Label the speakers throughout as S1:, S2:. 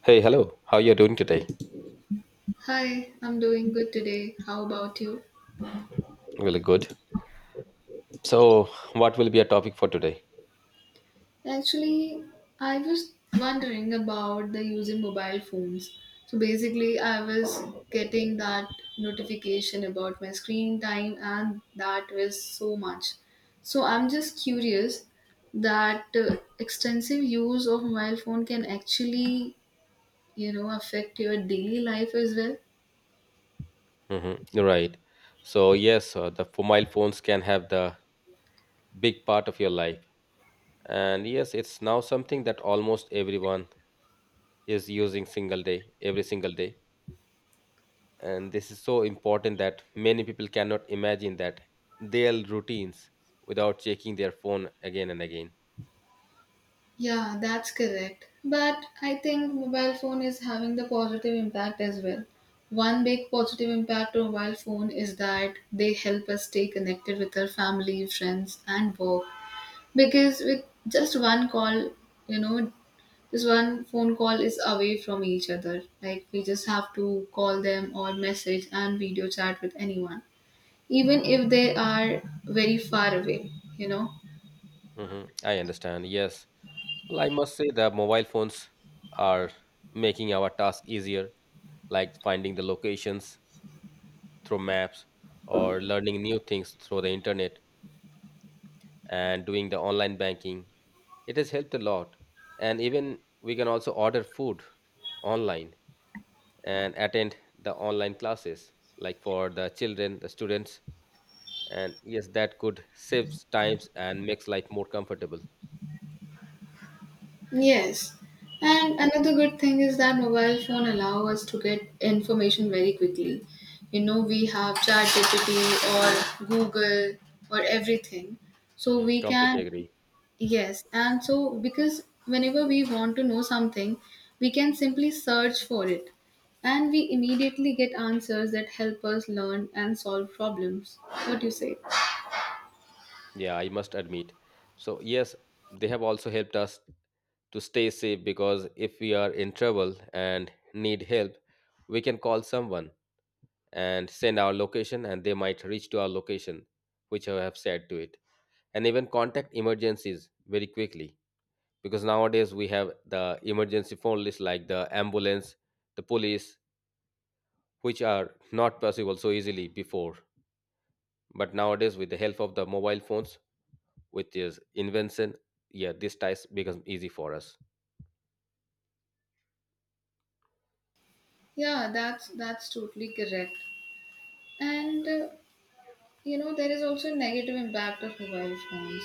S1: Hey, hello. How you are doing today?
S2: Hi, I'm doing good today. How about you?
S1: Really good. So, what will be our topic for today?
S2: Actually, I was wondering about the using mobile phones. So basically, I was getting that notification about my screen time, and that was so much. So I'm just curious that extensive use of mobile phone can actually, affect your daily life as well.
S1: Mm-hmm. Right. So, yes, mobile phones can have the big part of your life. And yes, it's now something that almost everyone is using every single day. And this is so important that many people cannot imagine that their routines without checking their phone again and again.
S2: Yeah, that's correct. But I think mobile phone is having the positive impact as well. One big positive impact of mobile phone is that they help us stay connected with our family, friends, and work. Because with just one call, you know, just one phone call is away from each other. Like we just have to call them or message and video chat with anyone, even if they are very far away, you know.
S1: hmm I understand. Yes. Well, I must say the mobile phones are making our task easier like finding the locations through maps or learning new things through the internet and doing the online banking. It has helped a lot. And even we can also order food online and attend the online classes like for the children, the students. And yes, that could save times and makes life more comfortable.
S2: Yes. And another good thing is that mobile phone allow us to get information very quickly. You know, we have ChatGPT or Google or everything. So
S1: Mhm,
S2: we
S1: completely
S2: can,
S1: agree.
S2: yes, and so because whenever we want to know something, we can simply search for it and we immediately get answers that help us learn and solve problems. What do you say?
S1: Yeah, I must admit. So yes, they have also helped us to stay safe because if we are in trouble and need help, we can call someone and send our location and they might reach to our location, which I have said to it. And even contact emergencies very quickly because nowadays we have the emergency phone list like the ambulance, the police, which are not possible so easily before. But nowadays with the help of the mobile phones, with this invention, yeah, this task becomes easy for us.
S2: Yeah, that's totally correct. And you know, there is also a negative impact of mobile phones.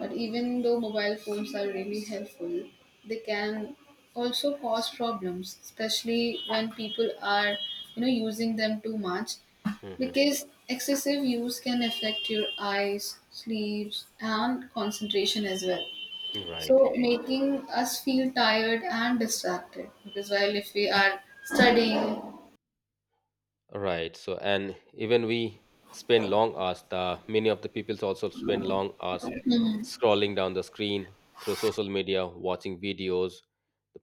S2: But even though mobile phones are really helpful, they can also cause problems, especially when people are, using them too much
S1: Hmm.
S2: because excessive use can affect your eyes, sleeps, and concentration as well.
S1: Right.
S2: So, making us feel tired and distracted because while if we are studying.
S1: Right. So, and even we spend long hours, the many of the people also spend long hours scrolling down the screen through social media, watching videos,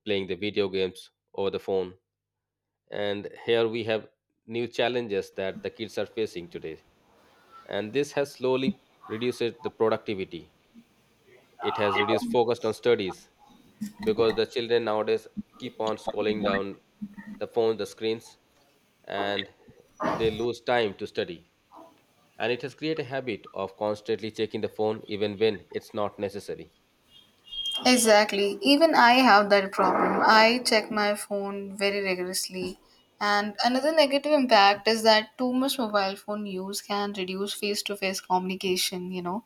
S1: playing the video games over the phone. And here we have new challenges that the kids are facing today. And this has slowly reduced the productivity. It has reduced focus on studies because the children nowadays keep on scrolling down the phone, the screens, and they lose time to study, and it has created a habit of constantly checking the phone even when it's not necessary.
S2: Exactly. Even I have that problem. I check my phone very rigorously. And another negative impact is that too much mobile phone use can reduce face to face communication, you know,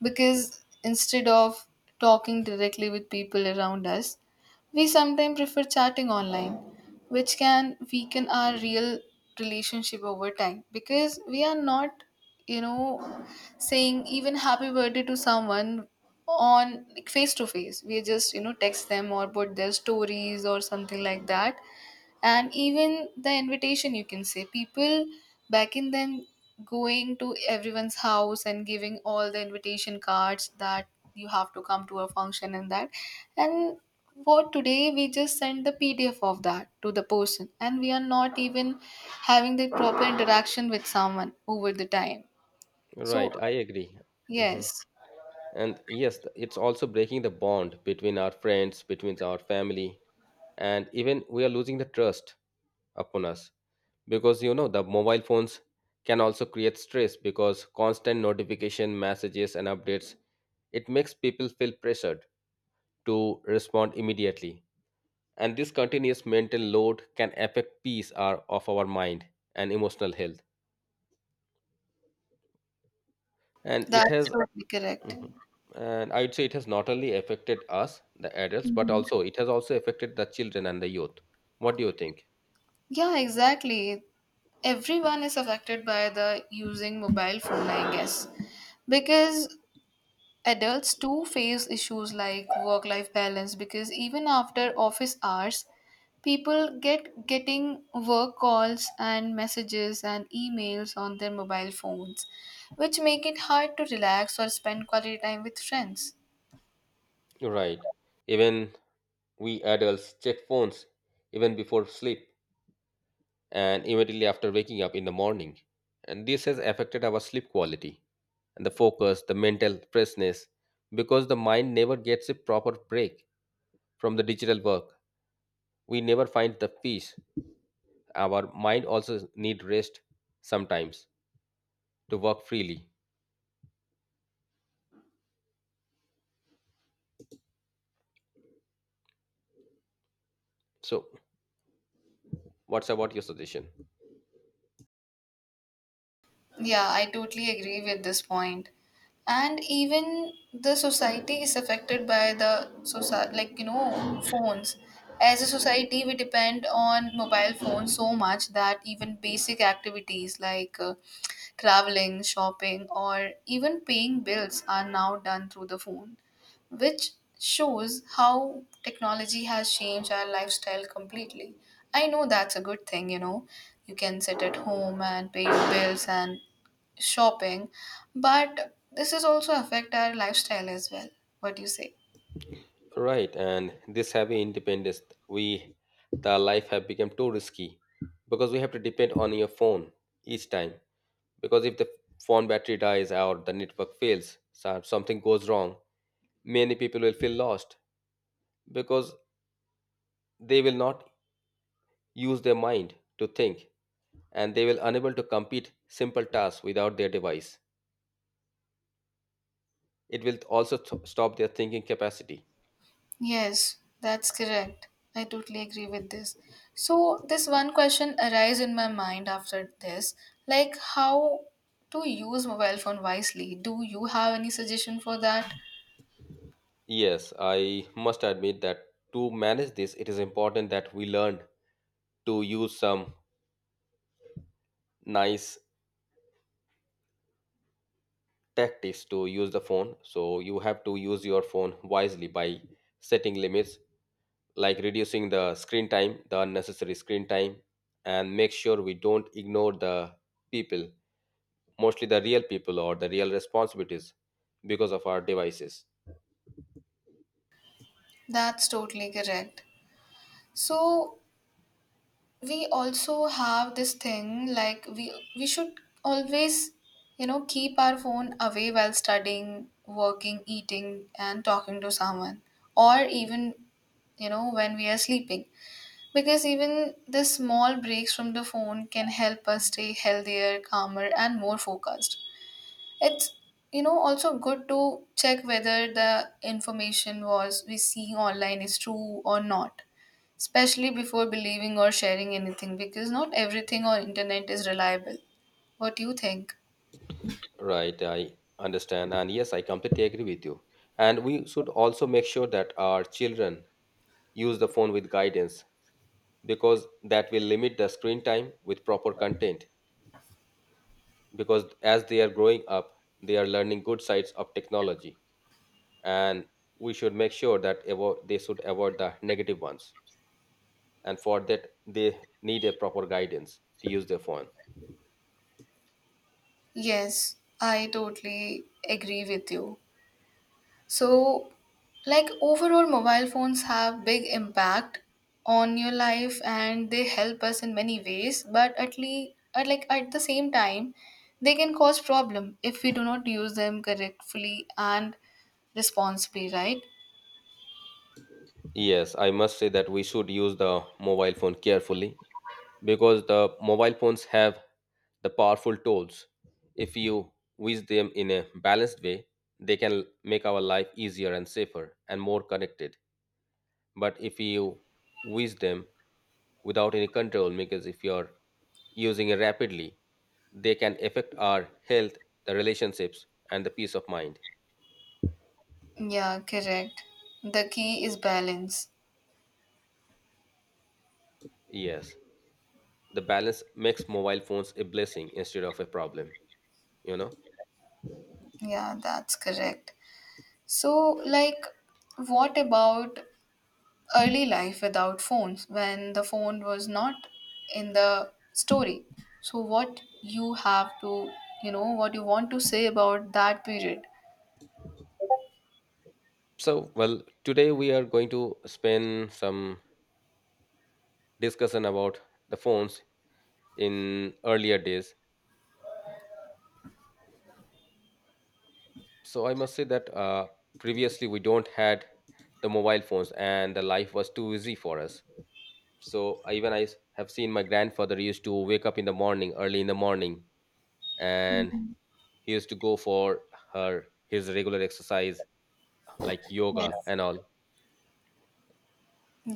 S2: because instead of talking directly with people around us, we sometimes prefer chatting online, which can weaken our real relationship over time because we are not, you know, saying even happy birthday to someone on like, face to face, we just, you know, text them or put their stories or something like that. And even the invitation, you can say, people back in then going to everyone's house and giving all the invitation cards that you have to come to a function, and that and what today we just send the pdf of that to the person and we are not even having the proper interaction with someone over the time, so
S1: Right, I agree. Mhm.
S2: yes,
S1: And yes, it's also breaking the bond between our friends, between our family, and even we are losing the trust upon us, because you know the mobile phones can also create stress, because constant notification messages and updates, it makes people feel pressured to respond immediately, and this continuous mental load can affect peace of our mind and emotional health, and it
S2: that's
S1: has.
S2: totally correct.
S1: Mhm. And I would say it has not only affected us, the adults, but also it has also affected the children and the youth. What do you think?
S2: Yeah, exactly. Everyone is affected by the using mobile phone, I guess. Because adults too face issues like work life balance because even after office hours, people get getting work calls and messages and emails on their mobile phones, which make it hard to relax or spend quality time with friends.
S1: Right. Even we adults check phones even before sleep and immediately after waking up in the morning, and this has affected our sleep quality and the focus, the mental freshness, because the mind never gets a proper break from the digital work. We never find the peace. Our mind also need rest sometimes to work freely. So, what's about your suggestion?
S2: Yeah, I totally agree with this point. And even the society is affected by the society, like you know, phones. As a society, we depend on mobile phones so much that even basic activities like traveling, shopping, or even paying bills are now done through the phone, which shows how technology has changed our lifestyle completely. I know that's a good thing, you know. You can sit at home and pay your bills and shopping, but this is also affect our lifestyle as well. What do you say?
S1: Right, and this heavy independence, we the life have become too risky because we have to depend on your phone each time. Because if the phone battery dies or the network fails, something goes wrong, many people will feel lost because they will not use their mind to think and they will unable to complete simple tasks without their device. It will also stop their thinking capacity.
S2: Yes, that's correct. I totally agree with this. So this one question arise in my mind after this, like how to use mobile phone wisely. Do you have any suggestion for that?
S1: Yes, I must admit that to manage this, it is important that we learn to use some nice tactics to use the phone. So you have to use your phone wisely by setting limits, like reducing the screen time, the unnecessary screen time, and make sure we don't ignore the people, mostly the real people or the real responsibilities because of our devices.
S2: That's totally correct. So we also have this thing like we should always, you know, keep our phone away while studying, working, eating and talking to someone, or even, you know, when we are sleeping because even the small breaks from the phone can help us stay healthier, calmer and more focused. It's, you know, also good to check whether the information was we see online is true or not, especially before believing or sharing anything because not everything on internet is reliable. What do you think?
S1: Right, I understand. And yes, I completely agree with you. And we should also make sure that our children use the phone with guidance because that will limit the screen time with proper content, because as they are growing up, they are learning good sides of technology, and we should make sure that they should avoid the negative ones, and for that they need a proper guidance to use their phone.
S2: Yes, I totally agree with you. So, like overall, mobile phones have big impact on your life, and they help us in many ways. But at least, at like at the same time, they can cause problem if we do not use them correctly and responsibly. Right?
S1: Yes, I must say that we should use the mobile phone carefully because the mobile phones have the powerful tools. If you use them in a balanced way, they can make our life easier and safer and more connected. But if you use them without any control, because if you're using it rapidly, they can affect our health, the relationships, and the peace of mind.
S2: Yeah, correct. The key is balance.
S1: Yes, the balance makes mobile phones a blessing instead of a problem, you know?
S2: Yeah, that's correct. So, like, what about early life without phones when the phone was not in the story, so what you have to, you know, what you want to say about that period?
S1: So, well, today we are going to spend some discussion about the phones in earlier days. So I must say that previously we don't had the mobile phones and the life was too easy for us. So even I have seen my grandfather used to wake up in the morning, early in the morning, and he used to go for her his regular exercise like yoga
S2: Yes.
S1: and all.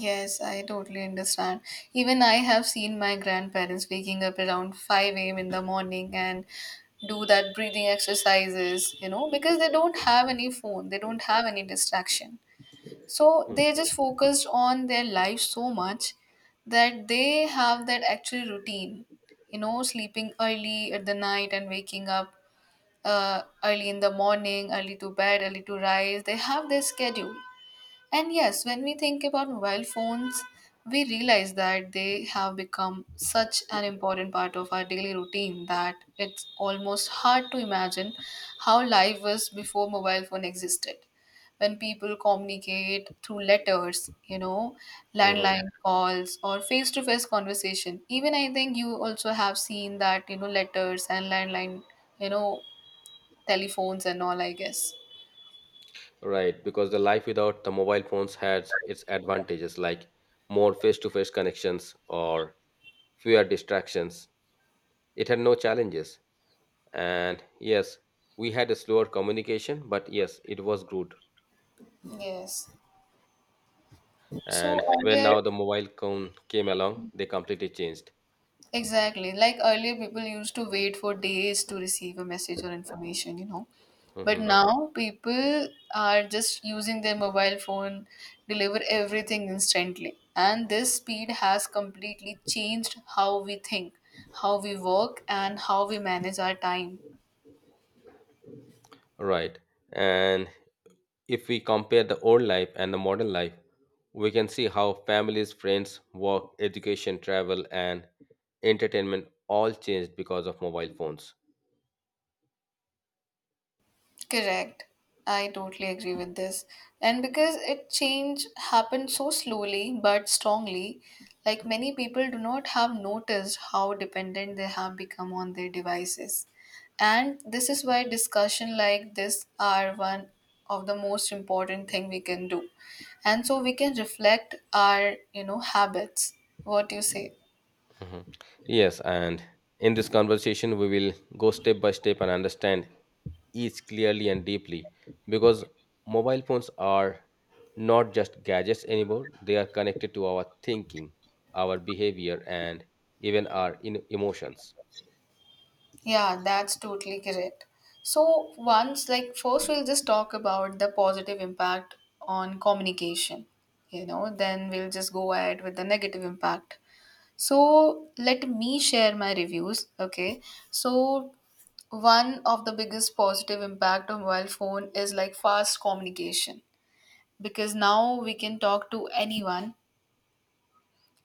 S2: Yes, I totally understand. Even I have seen my grandparents waking up around 5 a.m in the morning and do that breathing exercises, you know, because they don't have any phone, they don't have any distraction. So they just focused on their life so much that they have that actual routine, you know, sleeping early at the night and waking up, early in the morning, early to bed, early to rise. They have their schedule. And yes, when we think about mobile phones, we realize that they have become such an important part of our daily routine that it's almost hard to imagine how life was before mobile phone existed. When people communicate through letters, you know,
S1: Mm-hmm.
S2: landline calls or face-to-face conversation. Even I think you also have seen that, you know, letters and landline, you know, telephones and all, I guess.
S1: Right, because the life without the mobile phones has its advantages like more face to face connections or fewer distractions. It had no challenges. And yes, we had a slower communication, but yes, it was good.
S2: Yes. So
S1: And when
S2: earlier,
S1: now the mobile phone came along, they completely changed.
S2: exactly. Like earlier, people used to wait for days to receive a message or information, you know. But right,
S1: Hmm.
S2: now people are just using their mobile phone, deliver everything instantly. And this speed has completely changed how we think, how we work, and how we manage our time.
S1: Right. And if we compare the old life and the modern life, we can see how families, friends, work, education, travel, and entertainment all changed because of mobile phones.
S2: Correct. I totally agree with this. And because it change happened so slowly but strongly, like many people do not have noticed how dependent they have become on their devices. And this is why discussion like this are one of the most important thing we can do. And so we can reflect our, you know, habits. What do you say?
S1: Mhm. Yes, and in this conversation, we will go step by step and understand each clearly and deeply, because mobile phones are not just gadgets anymore, they are connected to our thinking, our behavior, and even our emotions.
S2: Yeah, that's totally correct. So, once, like, first we'll just talk about the positive impact on communication, you know, then we'll just go ahead with the negative impact. So, let me share my reviews, okay? So, one of the biggest positive impact of mobile phone is like fast communication because now we can talk to anyone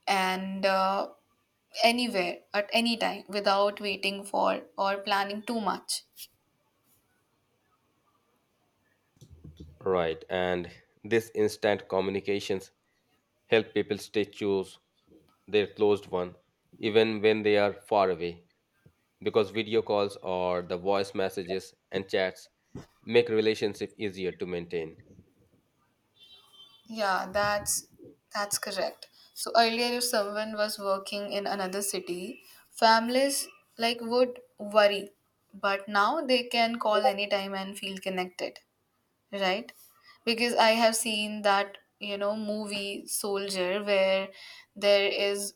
S2: and anywhere at any time without waiting for or planning too much.
S1: Right, and this instant communications help people stay close, their closed one, even when they are far away. Because video calls or the voice messages and chats make relationship easier to maintain.
S2: Yeah, that's correct. So earlier if someone was working in another city, families like would worry, but now they can call anytime and feel connected, right? Because I have seen that, you know, movie Soldier where there is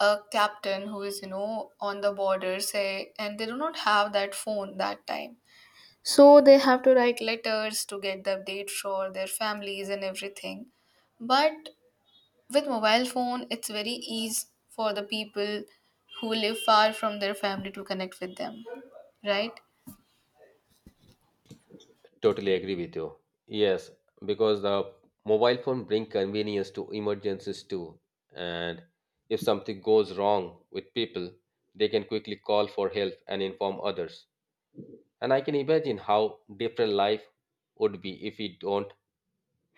S2: a captain who is, you know, on the border say and they do not have that phone that time, so they have to write letters to get the update for their families and everything. But with mobile phone, it's very easy for the people who live far from their family to connect with them, right?
S1: Totally agree with you. Yes, because the mobile phone bring convenience to emergencies too. And if something goes wrong with people, they can quickly call for help and inform others. And I can imagine how different life would be if we don't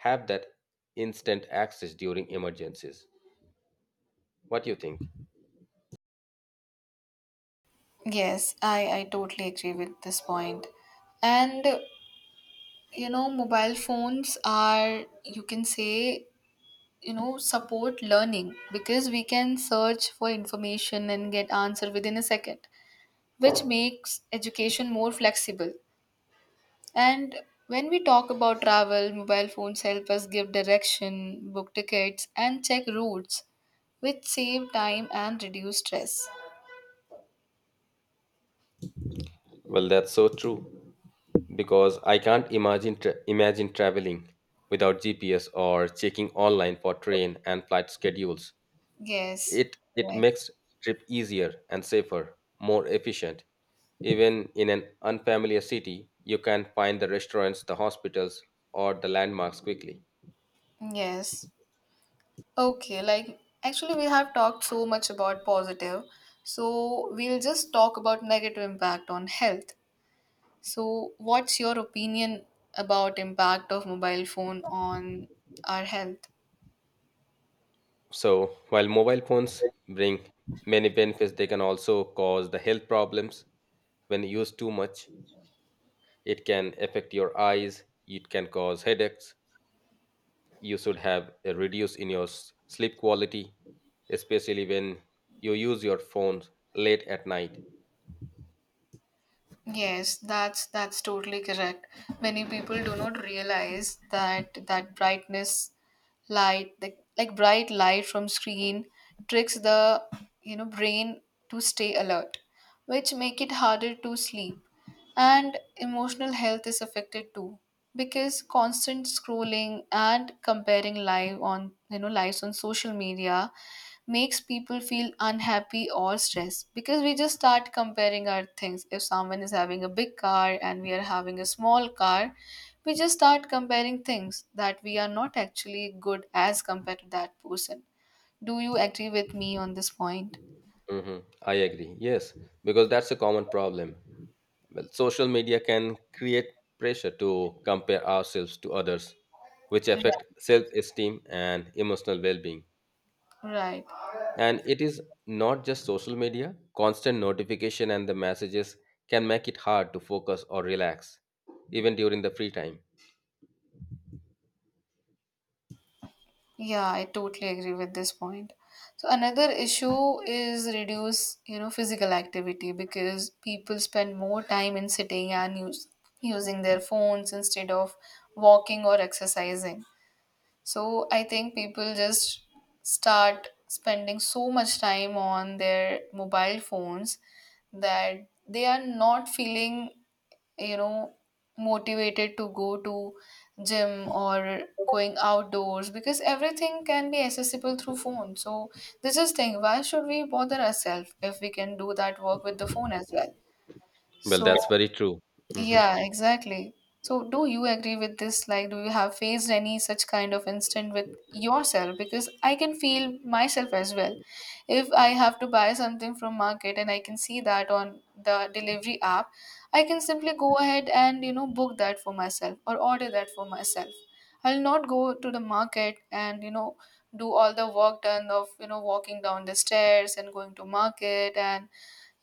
S1: have that instant access during emergencies. What do you think?
S2: Yes, I totally agree with this point. And you know, mobile phones are, you can say, you know, support learning because we can search for information and get answer within a second, which makes education more flexible. And when we talk about travel, mobile phones help us give direction, book tickets, and check routes, which save time and reduce stress.
S1: Well, that's so true, because I can't imagine imagine traveling without GPS or checking online for train and flight schedules.
S2: Yes.
S1: It
S2: Right.
S1: makes trip easier and safer, more efficient. Even in an unfamiliar city, you can find the restaurants, the hospitals, or the landmarks quickly.
S2: Yes. Okay, like actually we have talked so much about positive, so we'll just talk about negative impact on health. So what's your opinion about impact of mobile phone on our health?
S1: So, while mobile phones bring many benefits, they can also cause the health problems when used too much. It can affect your eyes, it can cause headaches, you should have a reduce in your sleep quality, especially when you use your phones late at night.
S2: Yes, that's totally correct. Many people do not realize that that brightness light, the, like bright light from screen, tricks the, you know, brain to stay alert, which make it harder to sleep, and emotional health is affected too because constant scrolling and comparing live on, you know, lives on social media makes people feel unhappy or stressed because we just start comparing our things. If someone is having a big car and we are having a small car, we just start comparing things that we are not actually good as compared to that person. Do you agree with me on this point?
S1: I agree. Yes, because that's a common problem. Well, social media can create pressure to compare ourselves to others, which affect self-esteem and emotional well-being.
S2: Right.
S1: And it is not just social media. Constant notification and the messages can make it hard to focus or relax, even during the free time.
S2: Yeah, I totally agree with this point. So another issue is reduce, you know, physical activity because people spend more time in sitting and using their phones instead of walking or exercising. So I think people just start spending so much time on their mobile phones that they are not feeling, you know, motivated to go to gym or going outdoors because everything can be accessible through phone, so this is thing why should we bother ourselves if we can do that work with the phone as well,
S1: Well,
S2: so
S1: that's very true. Mhm.
S2: yeah, exactly. So, do you agree with this? Like, do you have faced any such kind of instant with yourself? Because I can feel myself as well. If I have to buy something from market and I can see that on the delivery app, I can simply go ahead and, you know, book that for myself or order that for myself. I'll not go to the market and, do all the work done of, walking down the stairs and going to market and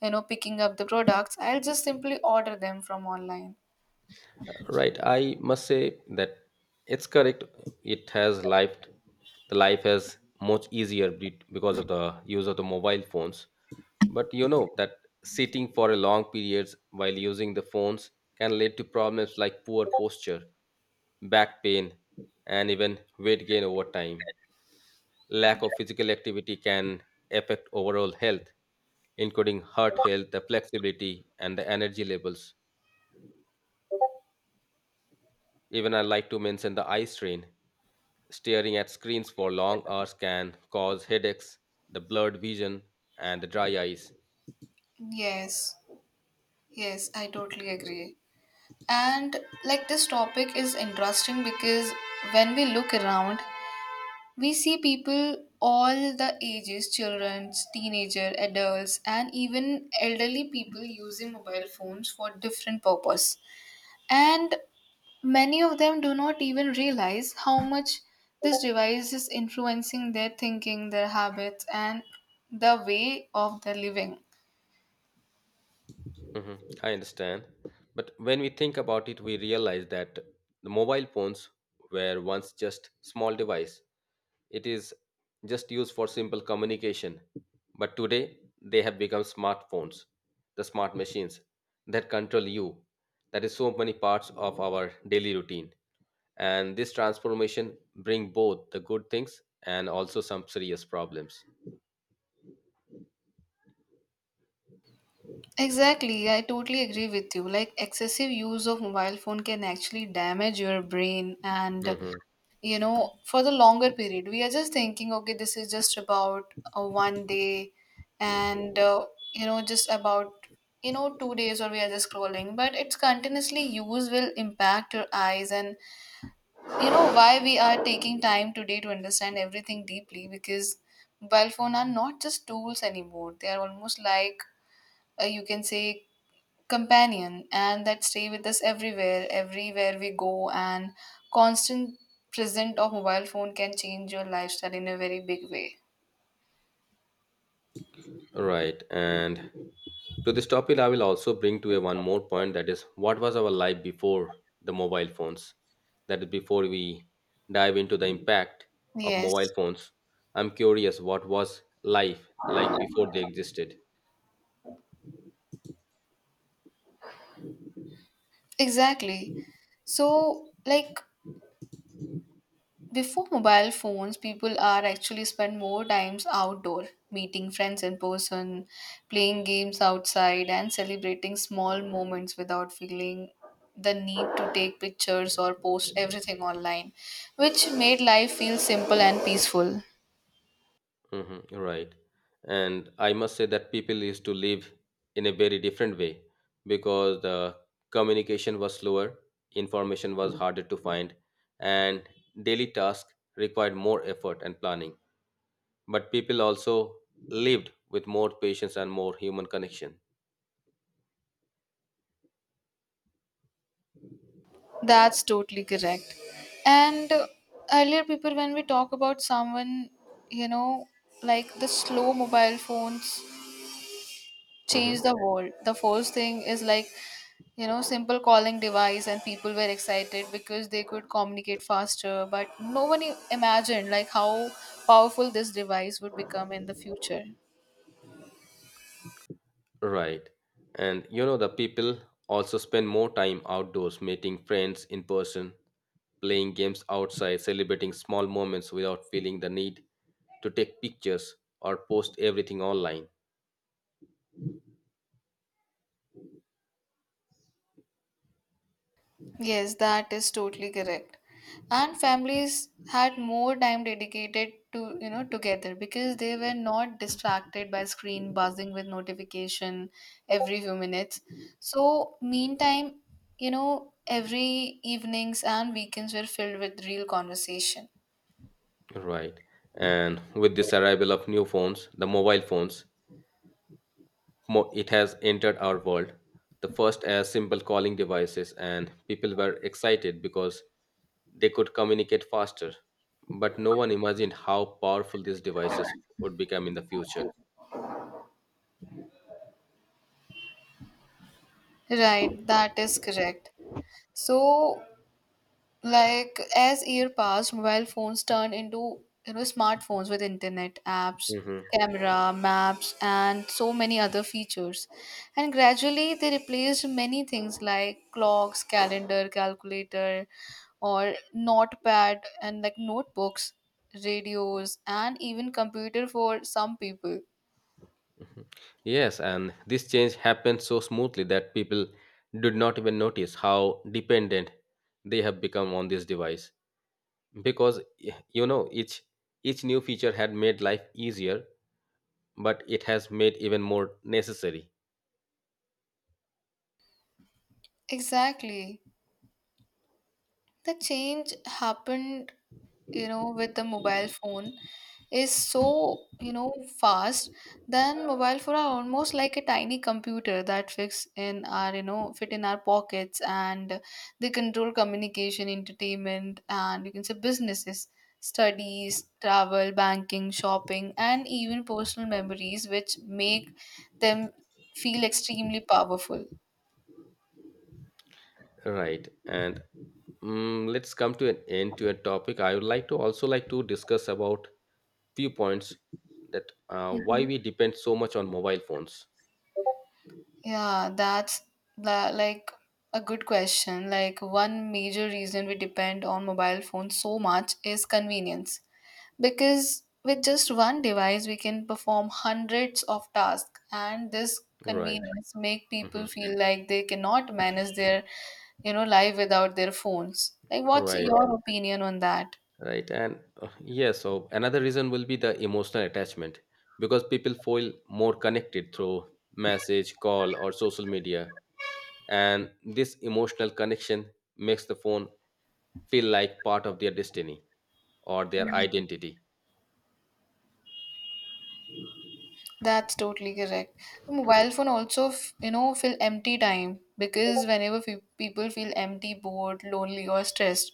S2: picking up the products. I'll just simply order them from online.
S1: Right, I must say that it's correct. It has life, the life has much easier because of the use of the mobile phones. But you know that sitting for a long periods while using the phones can lead to problems like poor posture, back pain, and even weight gain over time. Lack of physical activity can affect overall health, including heart health, the flexibility, and the energy levels. Even I like to mention the eye strain. Staring at screens for long hours can cause headaches, the blurred vision, and the dry eyes.
S2: Yes, yes, I totally agree. And like this topic is interesting because when we look around, we see people all the ages, children, teenager, adults, and even elderly people using mobile phones for different purpose. And many of them do not even realize how much this device is influencing their thinking, their habits, and the way of their living.
S1: hmm I understand. But when we think about it, we realize that the mobile phones were once just small device. It is just used for simple communication. But today they have become smartphones, the smart machines that control you. That is so many parts of our daily routine. And this transformation bring both the good things and also some serious problems.
S2: Exactly, I totally agree with you. Like, excessive use of mobile phone can actually damage your brain. And
S1: Hmm.
S2: for the longer period we are just thinking, okay, this is just about a one day, and just about 2 days, or we are just scrolling, but its continuously use will impact your eyes. And why we are taking time today to understand everything deeply, because mobile phone are not just tools anymore. They are almost like, you can say, companion, and that stay with us everywhere, everywhere we go. And constant present of mobile phone can change your lifestyle in a very big way.
S1: Right. And to this topic, I will also bring to a one more point, that is, what was our life before the mobile phones? That is, before we dive into the impact of mobile
S2: Yes,
S1: phones, I'm curious what was life like before they existed.
S2: exactly. So like, before mobile phones, people are actually spend more times outdoor, meeting friends in person, playing games outside, and celebrating small moments without feeling the need to take pictures or post everything online, which made life feel simple and peaceful.
S1: Hmm. Right. And I must say that people used to live in a very different way, because the communication was slower, information was harder to find, and daily tasks required more effort and planning. But people also lived with more patience and more human connection.
S2: That's totally correct. And earlier, people, when we talk about someone, you know, like the slow mobile phones
S1: Hmm.
S2: change the world. The first thing is like, you know, simple calling device, and people were excited because they could communicate faster. But no one imagined like how powerful this device would become in the future.
S1: Right. And the people also spend more time outdoors, meeting friends in person, playing games outside, celebrating small moments without feeling the need to take pictures or post everything online.
S2: Yes, that is totally correct. And families had more time dedicated to, you know, together because they were not distracted by screen buzzing with notification every few minutes. So, meantime, every evenings and weekends were filled with real conversation.
S1: Right. And with this arrival of new phones, the mobile phones, it has entered our world. The first as simple calling devices, and people were excited because they could communicate faster, but no one imagined how powerful these devices would become in the future.
S2: Right, that is correct. So, like as year passed, mobile phones turned into smartphones with internet apps,
S1: Mhm.
S2: camera, maps, and so many other features. And gradually, they replaced many things like clocks, calendar, calculator, or notepad and like notebooks, radios, and even computer for some people.
S1: Yes, and this change happened so smoothly that people did not even notice how dependent they have become on this device, because y- you know each each new feature had made life easier, but it has made even more necessary.
S2: Exactly. The change happened, with the mobile phone, is so, fast. Then mobile phone are almost like a tiny computer that fits in our, fit in our pockets. And they control communication, entertainment, and you can say businesses, studies, travel, banking, shopping, and even personal memories, which make them feel extremely powerful.
S1: Right. And let's come to an end to a topic. I would like to also like to discuss about few points, that why we depend so much on mobile phones.
S2: Yeah, that's that like a good question. Like one major reason we depend on mobile phones so much is convenience. Because with just one device we can perform hundreds of tasks, and this
S1: Right.
S2: convenience make
S1: Hmm.
S2: people feel like they cannot manage their, life without their phones. Like what's
S1: Right.
S2: your opinion on that?
S1: Right. And yeah, so another reason will be the emotional attachment, because people feel more connected through message call or social media, and this emotional connection makes the phone feel like part of their destiny or their identity.
S2: That's totally correct. Mobile phone also, fill empty time, because whenever people feel empty, bored, lonely, or stressed,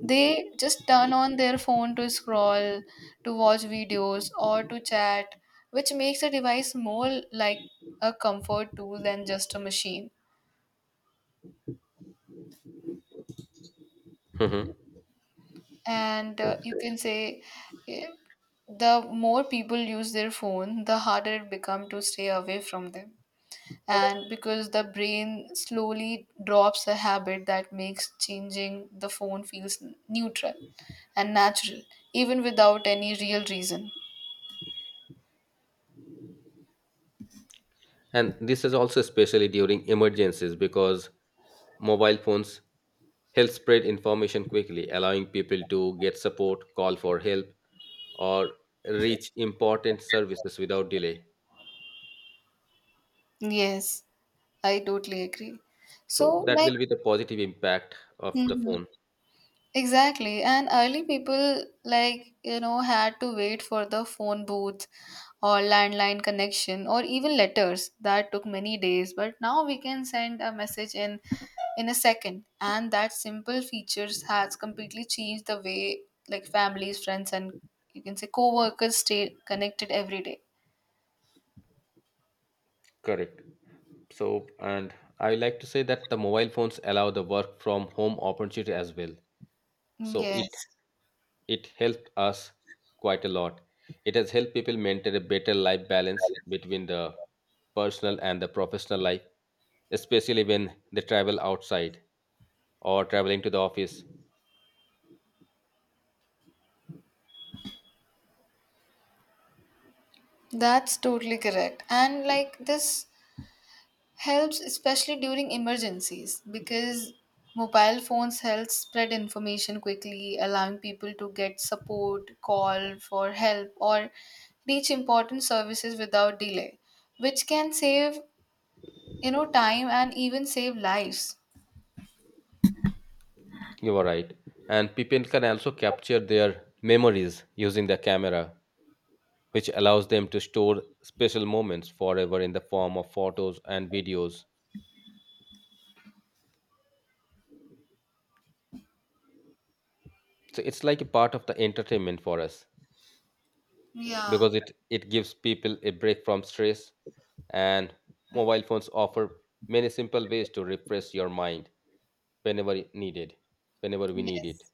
S2: they just turn on their phone to scroll, to watch videos, or to chat, which makes the device more like a comfort tool than just a machine.
S1: Mhm.
S2: And you can say, eh, the more people use their phone, the harder it become to stay away from them. And because the brain slowly drops a habit that makes changing the phone feels neutral and natural, even without any real reason.
S1: And this is also especially during emergencies, because mobile phones help spread information quickly, allowing people to get support, call for help, or reach important services without delay.
S2: Yes, I totally agree. So
S1: So that
S2: like,
S1: will be the positive impact of the
S2: mhm.
S1: phone.
S2: Exactly. And early people, like, you know, had to wait for the phone booth or landline connection or even letters. That took many days. But now we can send a message in a second. And that simple features has completely changed the way like families, friends, and you can say co-workers stay connected every day.
S1: Correct. So, and I would like to say that the mobile phones allow the work from home opportunity as well.
S2: Mm,
S1: So it
S2: yes.
S1: it helped us quite a lot. It has helped people maintain a better life balance between the personal and the professional life, especially when they travel outside, or traveling to the office.
S2: That's totally correct. And like this helps especially during emergencies, because mobile phones help spread information quickly, allowing people to get support, call for help, or reach important services without delay, which can save time and even save lives.
S1: You are right. And people can also capture their memories using the camera, which allows them to store special moments forever in the form of photos and videos. So it's like a part of the entertainment for us,
S2: Yeah.
S1: because it gives people a break from stress, and mobile phones offer many simple ways to refresh your mind whenever it needed, whenever we need it.
S2: Yes.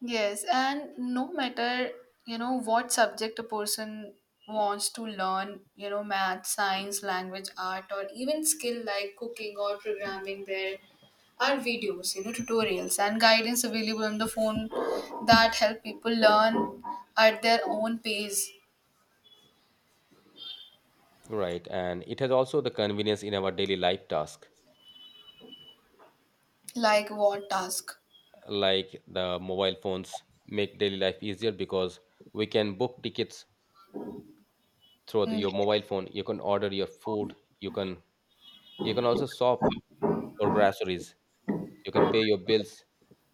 S2: Yes, and no matter, what subject a person wants to learn, you know, math, science, language, art, or even skill like cooking or programming, there are videos, tutorials and guidance available on the phone that help people learn at their own pace,
S1: Right, and it has also the convenience in our daily life task,
S2: like what task.
S1: like the mobile phones make daily life easier, because we can book tickets through
S2: Mm.
S1: your mobile phone, you can order your food, you can you can also shop for groceries, you can pay your bills,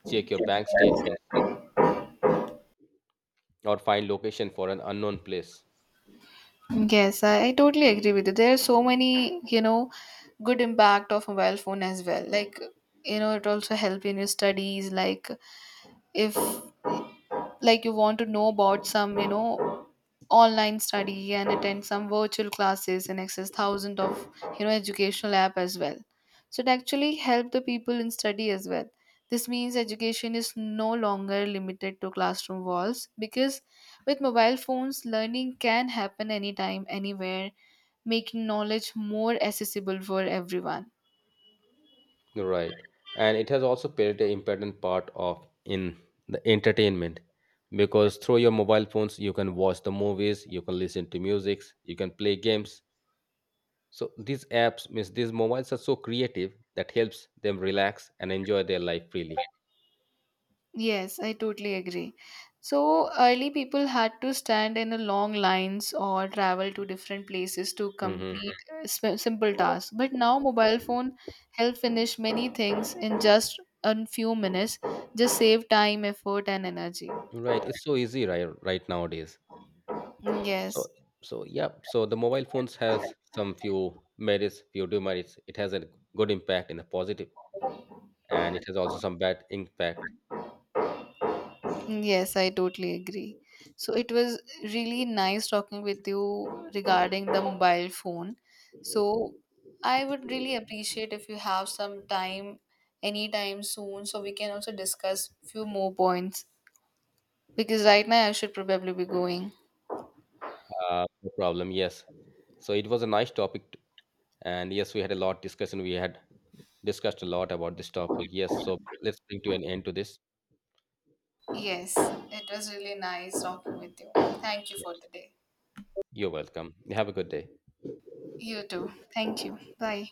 S1: check your bank statements, or find location for an unknown place.
S2: Yes, I totally agree with you. There are so many, good impact of mobile phone as well. Like, it also help in your studies, like if like you want to know about some, online study and attend some virtual classes and access thousands of, educational app as well. So it actually help the people in study as well. This means education is no longer limited to classroom walls, because with mobile phones learning can happen anytime anywhere, making knowledge more accessible for everyone.
S1: Right, and it has also played an important part of in the entertainment, because through your mobile phones you can watch the movies, you can listen to music, you can play games. So these apps means these mobiles are so creative that helps them relax and enjoy their life freely.
S2: Yes, I totally agree. So early people had to stand in a long lines or travel to different places to
S1: Hmm.
S2: complete simple tasks. But now mobile phone help finish many things in just a few minutes. Just save time, effort, and energy.
S1: Right, it's so easy right nowadays.
S2: Mm, yes.
S1: So so yeah, so the mobile phones has some few merits, few demerits. It has a good impact and a positive, and it has also some bad impact.
S2: Mm, yes, I totally agree. So it was really nice talking with you regarding the mobile phone. So I would really appreciate if you have some time anytime soon so we can also discuss few more points, because right now I should probably be going.
S1: No problem, yes. So it was a nice topic, and yes, we had a lot discussion. We had discussed a lot about this topic. Yes, so let's bring to an end to this.
S2: Yes, it was really nice talking with you. Thank you
S1: Yeah,
S2: for the day.
S1: you're welcome. Have a good day.
S2: You too. Thank you. Bye.